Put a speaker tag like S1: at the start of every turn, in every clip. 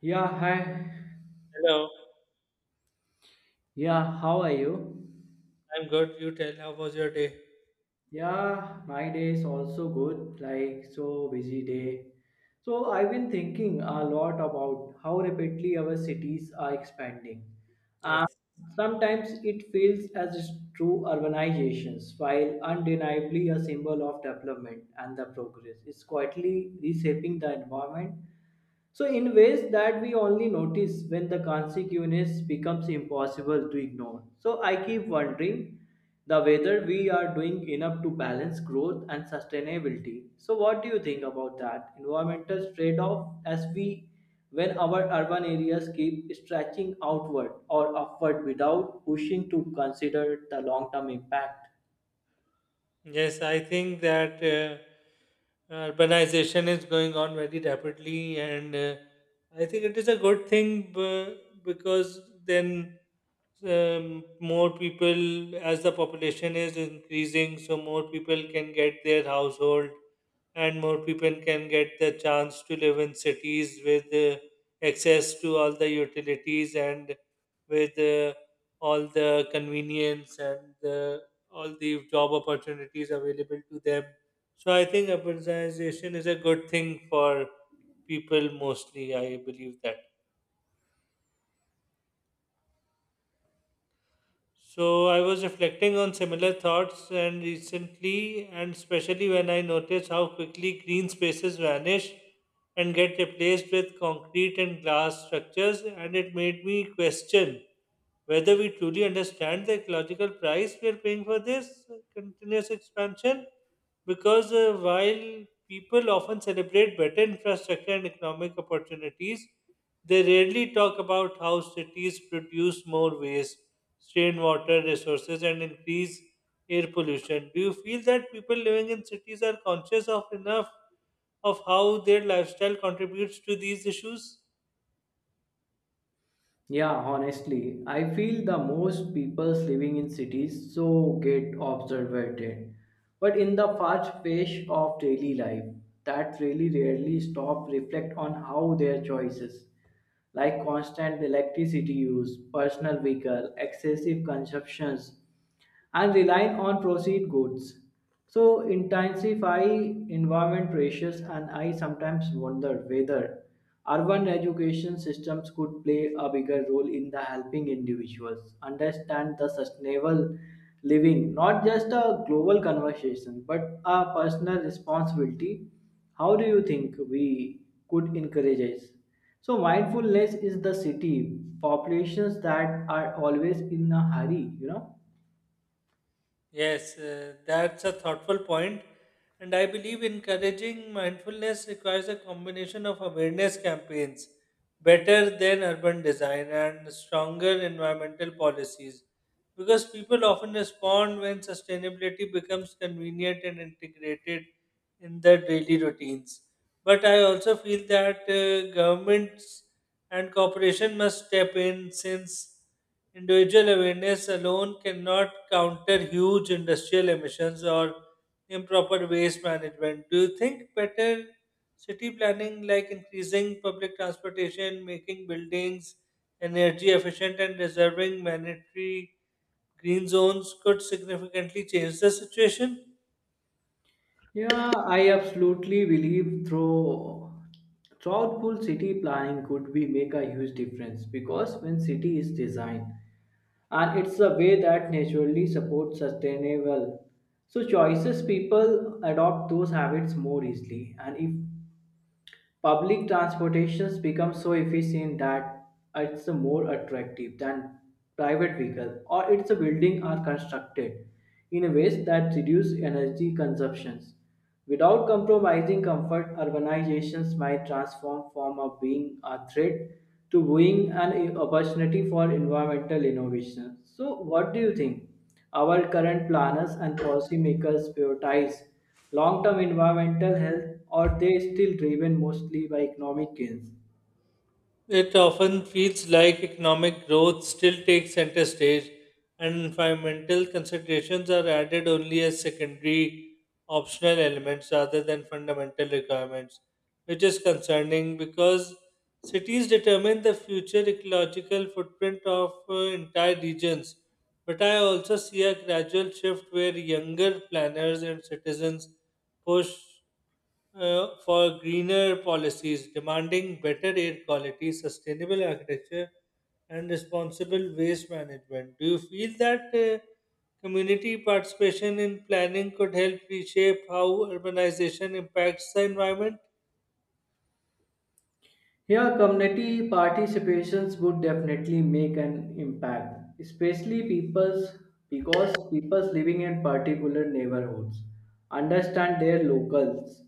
S1: Yeah, hi.
S2: Hello,
S1: Yeah, how are you?
S2: I'm good. You tell, how was your day?
S1: Yeah, my day is also good, like so busy day. So I've been thinking a lot about how rapidly our cities are expanding. And
S2: Yes.
S1: sometimes it feels as if true urbanizations, while undeniably a symbol of development and the progress. It's quietly reshaping the environment. So, in ways that we only notice when the consequence becomes impossible to ignore. So, I keep wondering the whether we are doing enough to balance growth and sustainability. So, what do you think about that environmental trade-off as we when our urban areas keep stretching outward or upward without pushing to consider the long-term impact?
S2: Yes, I think that urbanization is going on very rapidly, and I think it is a good thing because then more people, as the population is increasing, so more people can get their household and more people can get the chance to live in cities with access to all the utilities and with all the convenience and all the job opportunities available to them. So I think urbanization is a good thing for people mostly. I believe that. So I was reflecting on similar thoughts and recently, and especially when I noticed how quickly green spaces vanish and get replaced with concrete and glass structures, and it made me question whether we truly understand the ecological price we are paying for this continuous expansion. Because while people often celebrate better infrastructure and economic opportunities, they rarely talk about how cities produce more waste, strain water resources, and increase air pollution. Do you feel that people living in cities are conscious of enough of how their lifestyle contributes to these issues?
S1: Yeah, honestly, I feel the most people living in cities so get observated. But in the fast pace of daily life, that really rarely stop reflect on how their choices, like constant electricity use, personal vehicle, excessive consumptions, and relying on proceed goods. So intensify environment pressures, and I sometimes wonder whether urban education systems could play a bigger role in the helping individuals understand the sustainable living, not just a global conversation, but a personal responsibility. How do you think we could encourage it? So mindfulness is the city populations that are always in a hurry.
S2: Yes, that's a thoughtful point, and I believe encouraging mindfulness requires a combination of awareness campaigns, better than urban design, and stronger environmental policies. Because people often respond when sustainability becomes convenient and integrated in their daily routines. But I also feel that governments and corporation must step in since individual awareness alone cannot counter huge industrial emissions or improper waste management. Do you think better city planning, like increasing public transportation, making buildings energy efficient, and reserving mandatory green zones, could significantly change the situation?
S1: Yeah, I absolutely believe through thoughtful city planning could be make a huge difference because when city is designed and it's a way that naturally supports sustainable so choices people adopt those habits more easily, and if public transportations become so efficient that it's a more attractive than private vehicle or it's a building are constructed in a ways that reduce energy consumptions without compromising comfort, urbanizations might transform from a being a threat to being an opportunity for environmental innovation. So, what do you think? Our current planners and policymakers prioritize long-term environmental health, or they still driven mostly by economic gains?
S2: It often feels like economic growth still takes center stage and environmental considerations are added only as secondary optional elements rather than fundamental requirements, which is concerning because cities determine the future ecological footprint of entire regions. But I also see a gradual shift where younger planners and citizens push for greener policies, demanding better air quality, sustainable architecture, and responsible waste management. Do you feel that community participation in planning could help reshape how urbanization impacts the environment?
S1: Yeah, community participations would definitely make an impact, especially people's because people's living in particular neighborhoods understand their locals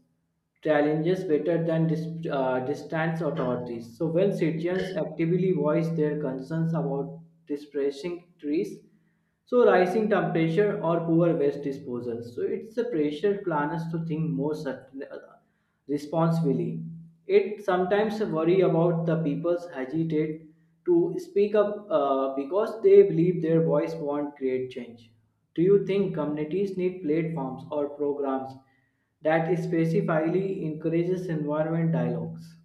S1: challenges better than distant authorities. So when citizens actively voice their concerns about displacing trees, so rising temperature or poor waste disposal. So it's a pressure planners to think more responsibly. It sometimes worry about the people's hesitate to speak up because they believe their voice won't create change. Do you think communities need platforms or programs that specifically encourages environment dialogues?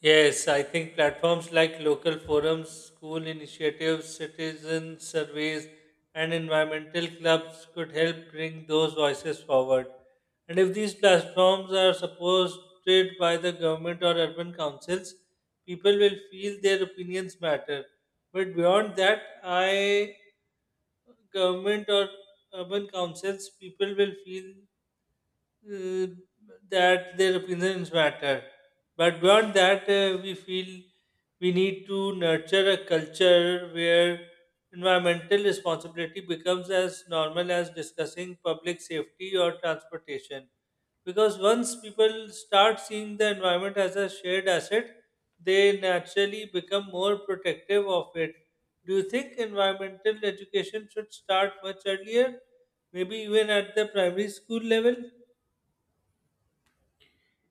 S2: Yes, I think platforms like local forums, school initiatives, citizen surveys, and environmental clubs could help bring those voices forward. And if these platforms are supported by the government or urban councils, people will feel their opinions matter. But beyond that, I government or urban councils, people will feel uh, that their opinions matter. But beyond that, we feel we need to nurture a culture where environmental responsibility becomes as normal as discussing public safety or transportation. Because once people start seeing the environment as a shared asset, they naturally become more protective of it. Do you think environmental education should start much earlier? Maybe even at the primary school level?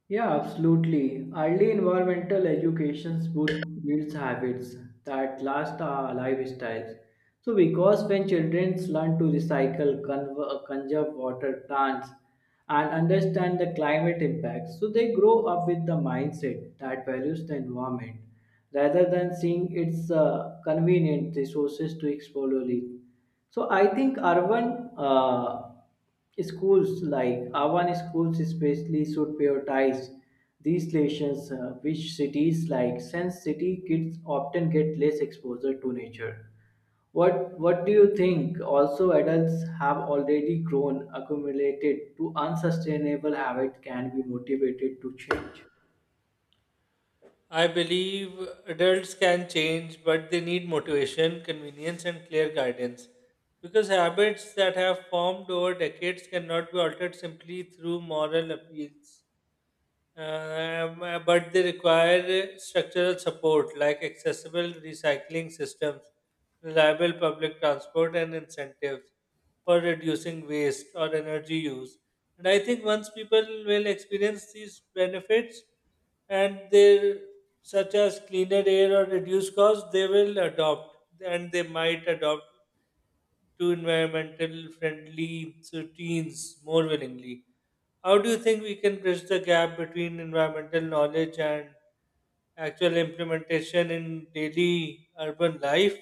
S1: Yeah, absolutely. Early environmental educations would build habits that last our lifestyles. So, because when children learn to recycle, conserve water, plants, and understand the climate impacts, so they grow up with the mindset that values the environment rather than seeing its convenient resources to exploit. So, I think urban schools like urban schools especially should prioritize these lessons, which cities like Sense City kids often get less exposure to nature. What What do you think? Also, adults have already grown accumulated to unsustainable habit can be motivated to change.
S2: I believe adults can change, but they need motivation, convenience, and clear guidance. Because habits that have formed over decades cannot be altered simply through moral appeals. But they require structural support like accessible recycling systems, reliable public transport, and incentives for reducing waste or energy use. And I think once people will experience these benefits and they such as cleaner air or reduced costs, they might adopt to environmental friendly routines more willingly. How do you think we can bridge the gap between environmental knowledge and actual implementation in daily urban life?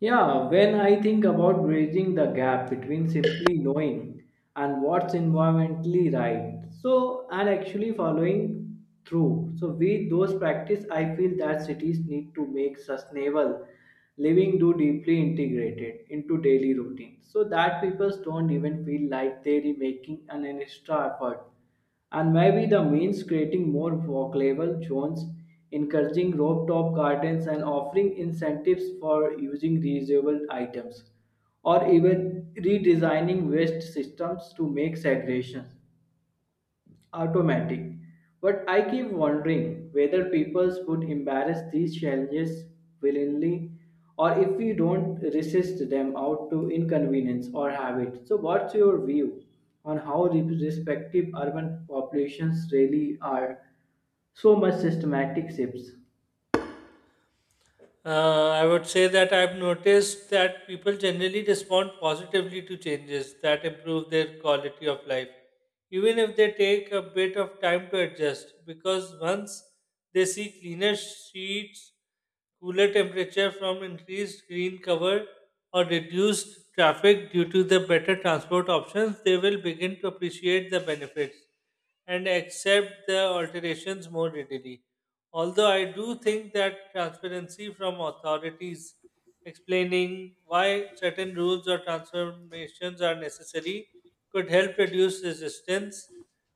S1: Yeah, when I think about bridging the gap between simply knowing and what's environmentally right, so and actually following through. So with those practice, I feel that cities need to make sustainable living do deeply integrated into daily routine so that people don't even feel like they're making an extra effort, and maybe the means creating more walkable zones, encouraging rooftop gardens, and offering incentives for using reusable items, or even redesigning waste systems to make segregation automatic. But I keep wondering whether peoples would embrace these challenges willingly or if we don't resist them out to inconvenience or habit. So, what's your view on how the respective urban populations really are so much systematic shifts?
S2: I would say that I've noticed that people generally respond positively to changes that improve their quality of life, even if they take a bit of time to adjust, because once they see cleaner streets, cooler temperature from increased green cover or reduced traffic due to the better transport options, they will begin to appreciate the benefits and accept the alterations more readily. Although I do think that transparency from authorities explaining why certain rules or transformations are necessary could help reduce resistance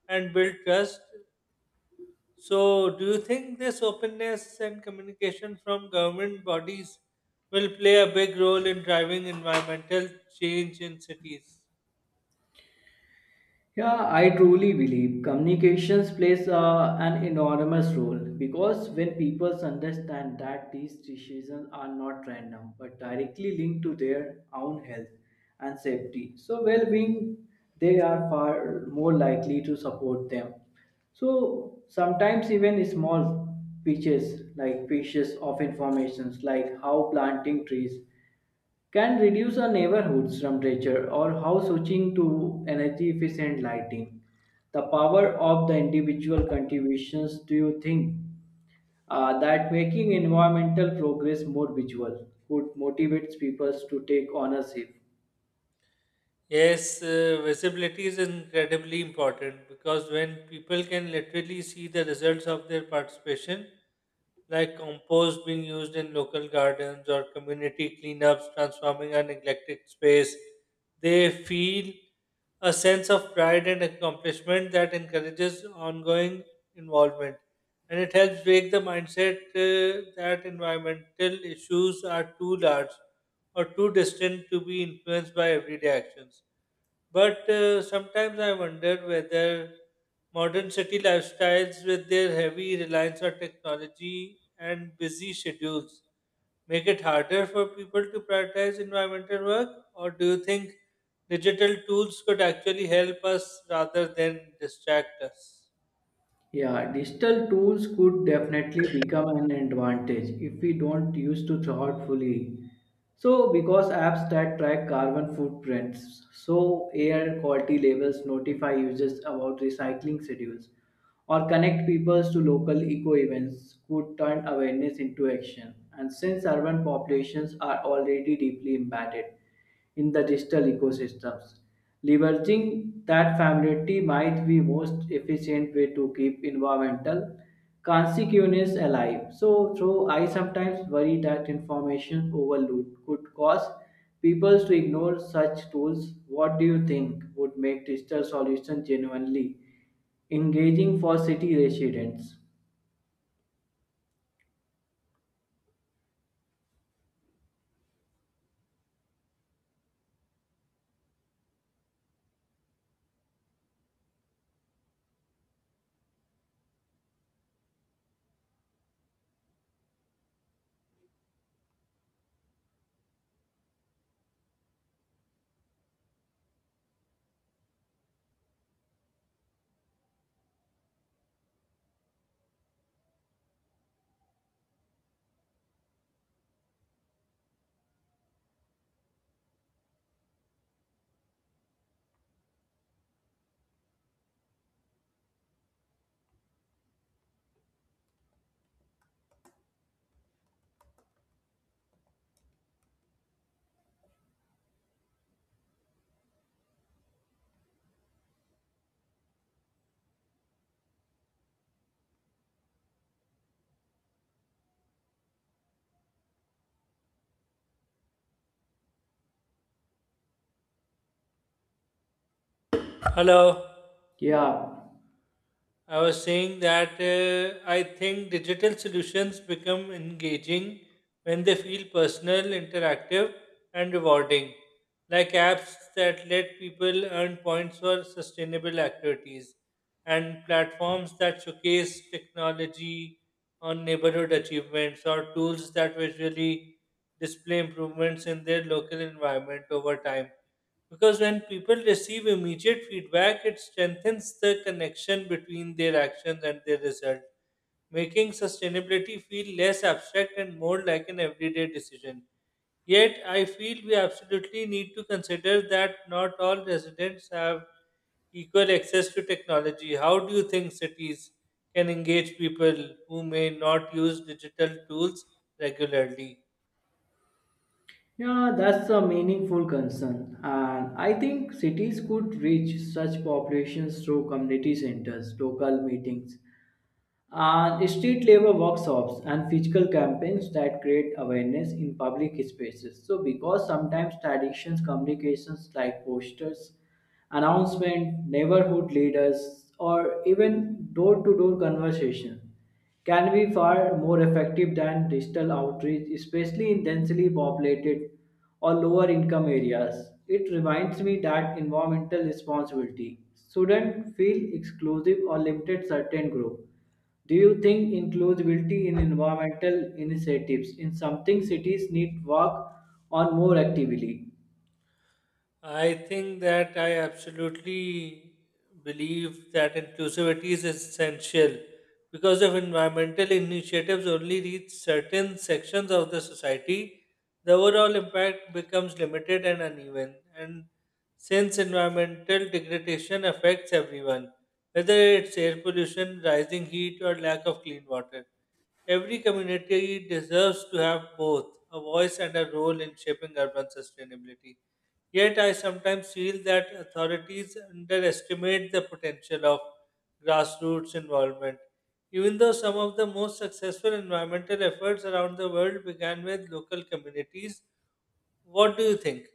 S2: and build trust. So, do you think this openness and communication from government bodies will play a big role in driving environmental change in cities?
S1: Yeah, I truly believe communications plays an enormous role because when people understand that these decisions are not random but directly linked to their own health and safety, so well-being, they are far more likely to support them. So sometimes even small pitches like pieces of information, like how planting trees can reduce a neighborhood's temperature or how switching to energy efficient lighting. The power of the individual contributions do you think that making environmental progress more visual could motivate people to take ownership?
S2: Yes, visibility is incredibly important because when people can literally see the results of their participation, like compost being used in local gardens or community cleanups transforming a neglected space, they feel a sense of pride and accomplishment that encourages ongoing involvement. And it helps break the mindset that environmental issues are too large or too distant to be influenced by everyday actions. But sometimes I wonder whether modern city lifestyles, with their heavy reliance on technology and busy schedules, make it harder for people to prioritize environmental work? Or do you think digital tools could actually help us rather than distract us?
S1: Yeah, digital tools could definitely become an advantage if we don't use to thoughtfully. So, because apps that track carbon footprints, so air quality labels notify users about recycling schedules, or connect people to local eco events could turn awareness into action. And since urban populations are already deeply embedded, in the digital ecosystems. Leveraging that familiarity might be most efficient way to keep environmental consequences alive. So, though I sometimes worry that information overload could cause people to ignore such tools, what do you think would make digital solutions genuinely engaging for city residents?
S2: Hello.
S1: Yeah.
S2: I was saying that I think digital solutions become engaging when they feel personal, interactive, and rewarding, like apps that let people earn points for sustainable activities and platforms that showcase technology on neighborhood achievements or tools that visually display improvements in their local environment over time. Because when people receive immediate feedback, it strengthens the connection between their actions and their result, making sustainability feel less abstract and more like an everyday decision. Yet, I feel we absolutely need to consider that not all residents have equal access to technology. How do you think cities can engage people who may not use digital tools regularly?
S1: Yeah, that's a meaningful concern. And I think cities could reach such populations through community centers, local meetings, and street labor workshops and physical campaigns that create awareness in public spaces. So, because sometimes traditions, communications like posters, announcement, neighborhood leaders, or even door to door conversation can be far more effective than digital outreach, especially in densely populated or lower income areas. It reminds me that environmental responsibility shouldn't feel exclusive or limited certain group. Do you think inclusivity in environmental initiatives in something cities need work on more actively?
S2: I absolutely believe that inclusivity is essential because if environmental initiatives only reach certain sections of the society, the overall impact becomes limited and uneven. And since environmental degradation affects everyone, whether it's air pollution, rising heat, or lack of clean water, every community deserves to have both a voice and a role in shaping urban sustainability. Yet, I sometimes feel that authorities underestimate the potential of grassroots involvement. Even though some of the most successful environmental efforts around the world began with local communities, what do you think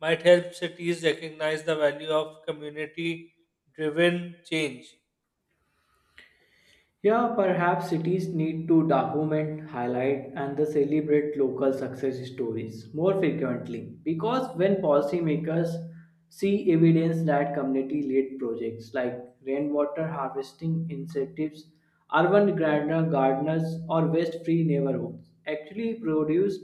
S2: might help cities recognize the value of community driven change?
S1: Yeah, perhaps cities need to document, highlight, and the celebrate local success stories more frequently because when policymakers see evidence that community led projects like rainwater harvesting incentives, urban gardener gardeners, or waste free neighborhoods actually produce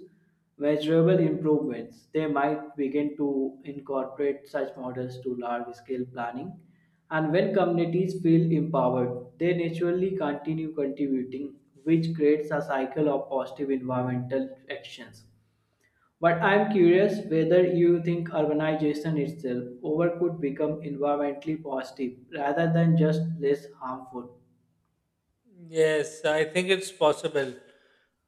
S1: measurable improvements. They might begin to incorporate such models to large scale planning. And when communities feel empowered, they naturally continue contributing, which creates a cycle of positive environmental actions. But I'm curious whether you think urbanization itself over could become environmentally positive rather than just less harmful.
S2: Yes, I think it's possible,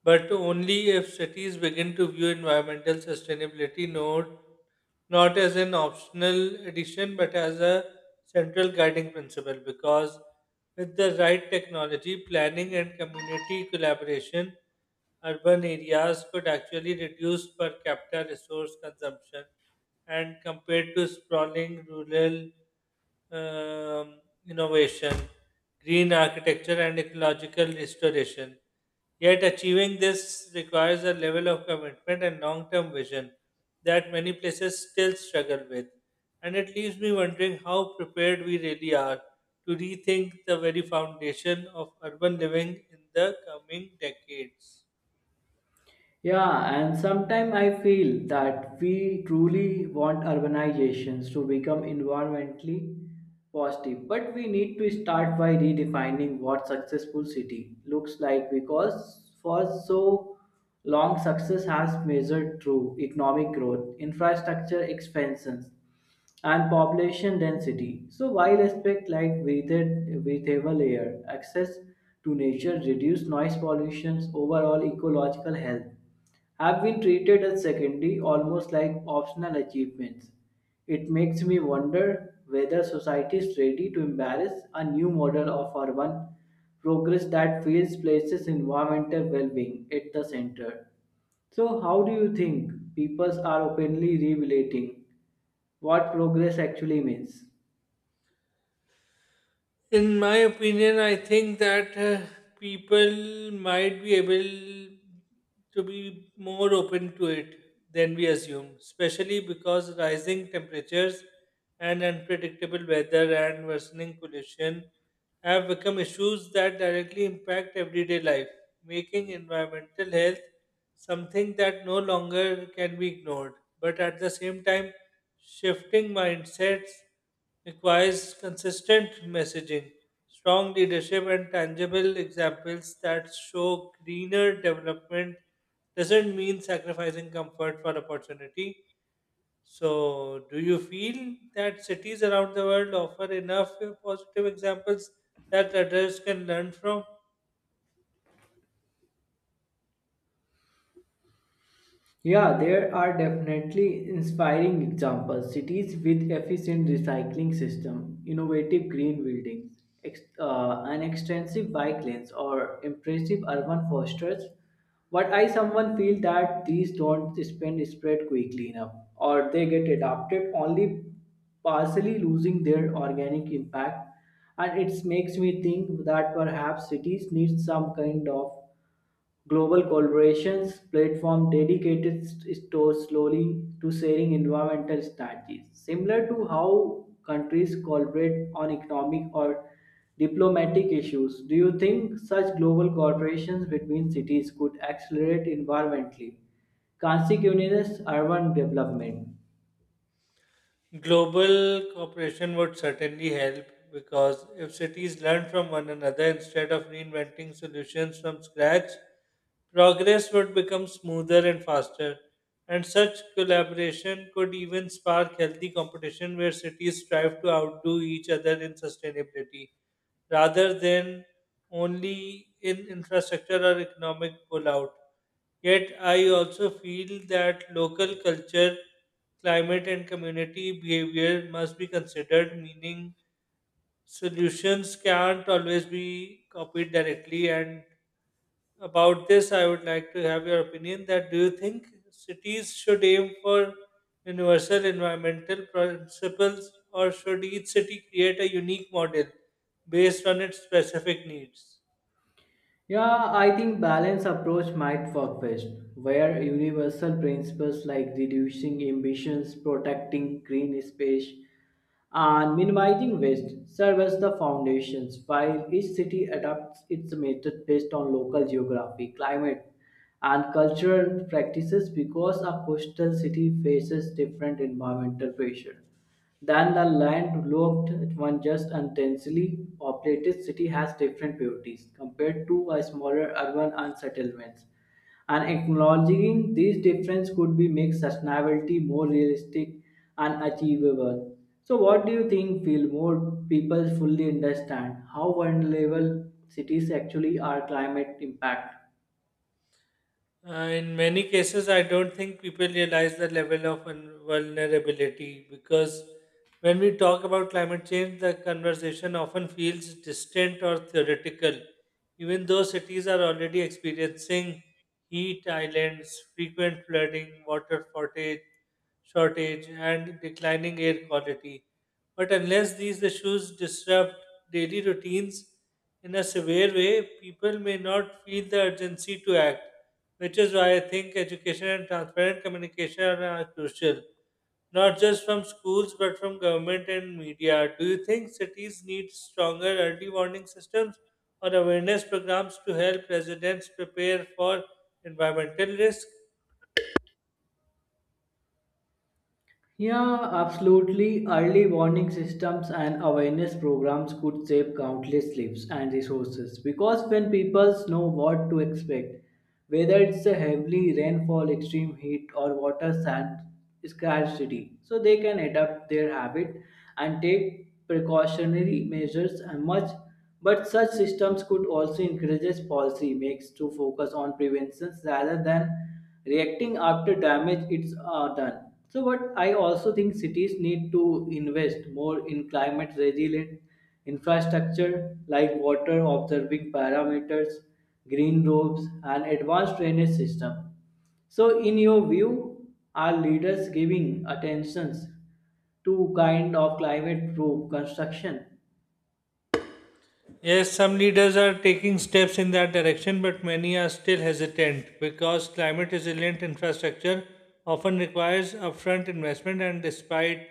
S2: but only if cities begin to view environmental sustainability not as an optional addition but as a central guiding principle. Because with the right technology, planning, and community collaboration, urban areas could actually reduce per capita resource consumption and compared to sprawling rural um, innovation green architecture, and ecological restoration. Yet, achieving this requires a level of commitment and long term vision that many places still struggle with. And it leaves me wondering how prepared we really are to rethink the very foundation of urban living in the coming decades.
S1: Yeah, and sometimes I feel that we truly want urbanizations to become environmentally positive, but we need to start by redefining what successful city looks like because for so long success has measured through economic growth, infrastructure expansions, and population density. So while aspect like breathable air, access to nature, reduced noise pollution, overall ecological health have been treated as secondary, almost like optional achievements. It makes me wonder whether society is ready to embrace a new model of urban progress that feels places environmental well-being at the center. So, how do you think people are openly revelating what progress actually means?
S2: In my opinion, I think that people might be able to be more open to it than we assume, especially because rising temperatures and unpredictable weather and worsening pollution have become issues that directly impact everyday life, making environmental health something that no longer can be ignored. But at the same time, shifting mindsets requires consistent messaging, strong leadership, and tangible examples that show greener development doesn't mean sacrificing comfort for opportunity. So, do you feel that cities around the world offer enough positive examples that others can learn from?
S1: Yeah, there are definitely inspiring examples. Cities with efficient recycling system, innovative green buildings, an extensive bike lanes, or impressive urban fosters. But I someone feel that these don't spend spread quickly enough, or they get adopted only partially, losing their organic impact. And it makes me think that perhaps cities need some kind of global collaborations platform dedicated stores slowly to sharing environmental strategies, similar to how countries collaborate on economic or diplomatic issues. Do you think such global cooperations between cities could accelerate environmentally? Consequential urban development.
S2: Global cooperation would certainly help because if cities learn from one another instead of reinventing solutions from scratch, progress would become smoother and faster. And such collaboration could even spark healthy competition where cities strive to outdo each other in sustainability rather than only in infrastructure or economic pullout. Yet, I also feel that local culture, climate, and community behavior must be considered, meaning solutions can't always be copied directly. And about this, I would like to have your opinion that do you think cities should aim for universal environmental principles, or should each city create a unique model based on its specific needs?
S1: Yeah, I think balanced approach might work best, where universal principles like reducing emissions, protecting green space, and minimizing waste serve as the foundations while each city adapts its method based on local geography climate and cultural practices because a coastal city faces different environmental pressure than the landlocked, one just intensely densely populated city has different beauties compared to a smaller urban and settlements. And acknowledging these differences could be make sustainability more realistic and achievable. So what do you think will more people fully understand how vulnerable cities actually are climate impact?
S2: In many cases, I don't think people realize the level of vulnerability because when we talk about climate change, the conversation often feels distant or theoretical, even though cities are already experiencing heat islands, frequent flooding, shortage, and declining air quality. But unless these issues disrupt daily routines in a severe way, people may not feel the urgency to act, which is why I think education and transparent communication are crucial, not just from schools but from government and media. Do you think cities need stronger early warning systems or awareness programs to help residents prepare for environmental risk?
S1: Yeah, absolutely. Early warning systems and awareness programs could save countless lives and resources because when people know what to expect, whether it's a heavy rainfall, extreme heat, or water sand scarcity, so they can adapt their habit and take precautionary measures and much. But such systems could also encourage policy makes to focus on prevention rather than reacting after damage is done. So, but I also think cities need to invest more in climate resilient infrastructure like water observing parameters, green roofs, and advanced drainage system. So, in your view, are leaders giving attentions to kind of climate proof construction?
S2: Yes, some leaders are taking steps in that direction, but many are still hesitant because climate resilient infrastructure often requires upfront investment, and despite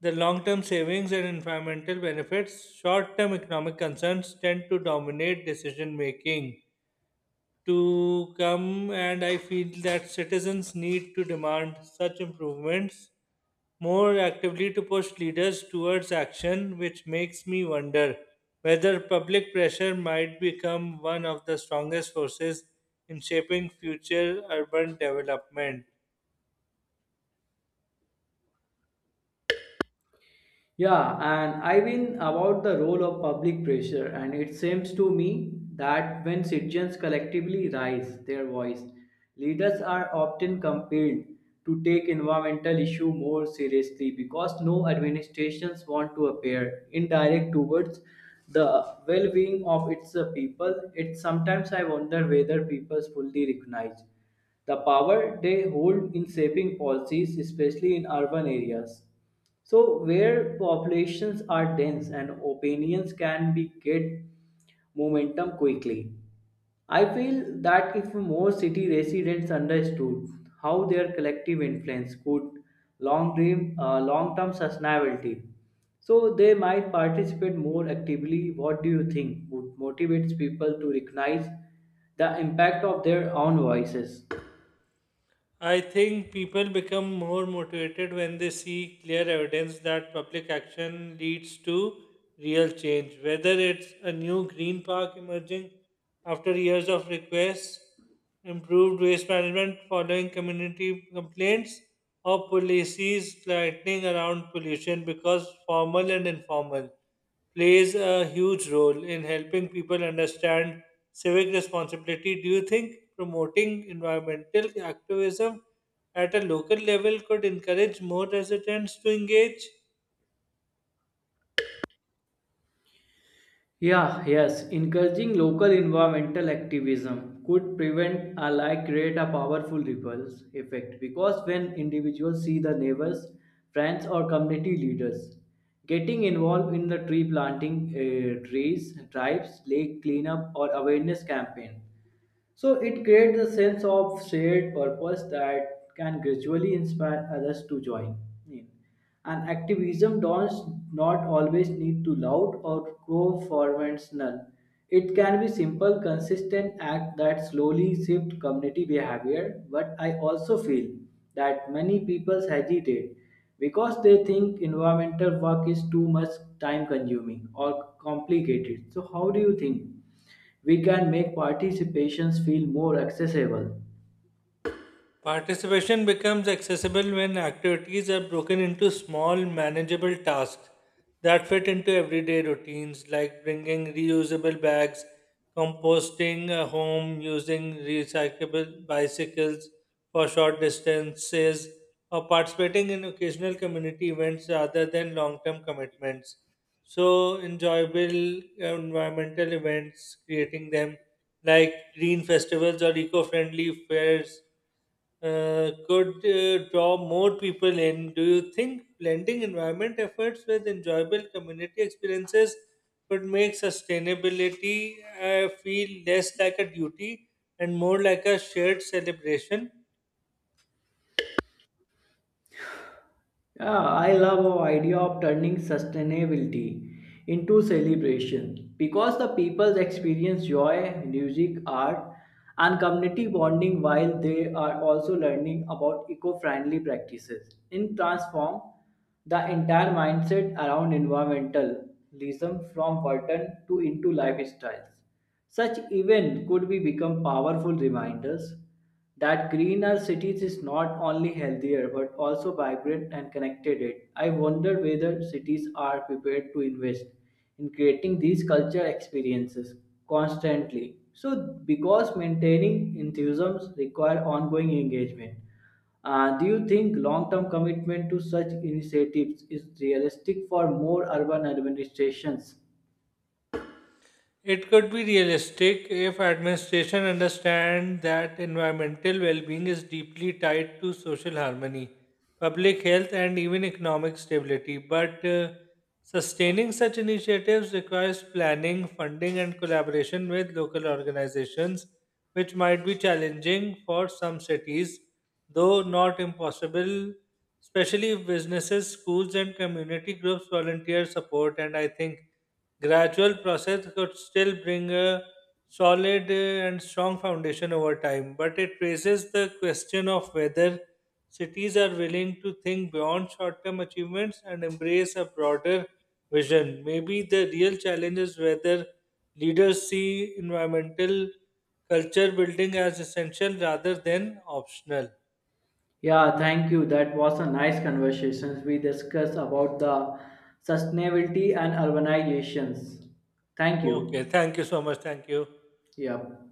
S2: the long term savings and environmental benefits, short term economic concerns tend to dominate decision making. To come, and I feel that citizens need to demand such improvements more actively to push leaders towards action, which makes me wonder whether public pressure might become one of the strongest forces in shaping future urban development.
S1: Yeah, and I have been about the role of public pressure, and it seems to me that when citizens collectively raise their voice, leaders are often compelled to take environmental issue more seriously because no administrations want to appear indirect towards the well-being of its people. It sometimes I wonder whether people fully recognize the power they hold in shaping policies, especially in urban areas. So, where populations are dense and opinions can be get momentum quickly, I feel that if more city residents understood how their collective influence could long term sustainability, so they might participate more actively. What do you think would motivate people to recognize the impact of their own voices?
S2: I think people become more motivated when they see clear evidence that public action leads to real change, whether it's a new green park emerging after years of requests, improved waste management following community complaints, or policies tightening around pollution because formal and informal plays a huge role in helping people understand civic responsibility. Do you think promoting environmental activism at a local level could encourage more residents to engage?
S1: Yeah, yes, encouraging local environmental activism could prevent or like create a powerful ripples effect because when individuals see the neighbors, friends or community leaders getting involved in the trees, drives, lake cleanup or awareness campaign so it creates a sense of shared purpose that can gradually inspire others to join in. And activism does not always need to loud or co-formational. It can be simple, consistent act that slowly shift community behavior. But I also feel that many people hesitate because they think environmental work is too much time consuming or complicated. So how do you think? We can make participations feel more accessible.
S2: Participation becomes accessible when activities are broken into small, manageable tasks that fit into everyday routines, like bringing reusable bags, composting a home, using recyclable bicycles for short distances, or participating in occasional community events rather than long term commitments. So, enjoyable environmental events, creating them like green festivals or eco-friendly fairs could draw more people in. Do you think blending environment efforts with enjoyable community experiences could make sustainability feel less like a duty and more like a shared celebration?
S1: Yeah, I love our idea of turning sustainability into celebration because the people experience joy, music, art, and community bonding while they are also learning about eco-friendly practices. In transform the entire mindset around environmentalism from burden to into lifestyles. Such events could be become powerful reminders that greener cities is not only healthier but also vibrant and connected it. I wonder whether cities are prepared to invest in creating these culture experiences constantly. So because maintaining enthusiasms require ongoing engagement. Do you think long-term commitment to such initiatives is realistic for more urban administrations?
S2: It could be realistic if administration understand that environmental well-being is deeply tied to social harmony, public health, and even economic stability. But sustaining such initiatives requires planning, funding, and collaboration with local organizations, which might be challenging for some cities, though not impossible. Especially if businesses, schools, and community groups volunteer support, and I think gradual process could still bring a solid and strong foundation over time, but it raises the question of whether cities are willing to think beyond short term achievements and embrace a broader vision. Maybe the real challenge is whether leaders see environmental culture building as essential rather than optional.
S1: Yeah, thank you. That was a nice conversation. We discussed about the sustainability and urbanizations. Thank you.
S2: Okay, thank you so much. Thank you.
S1: Yeah.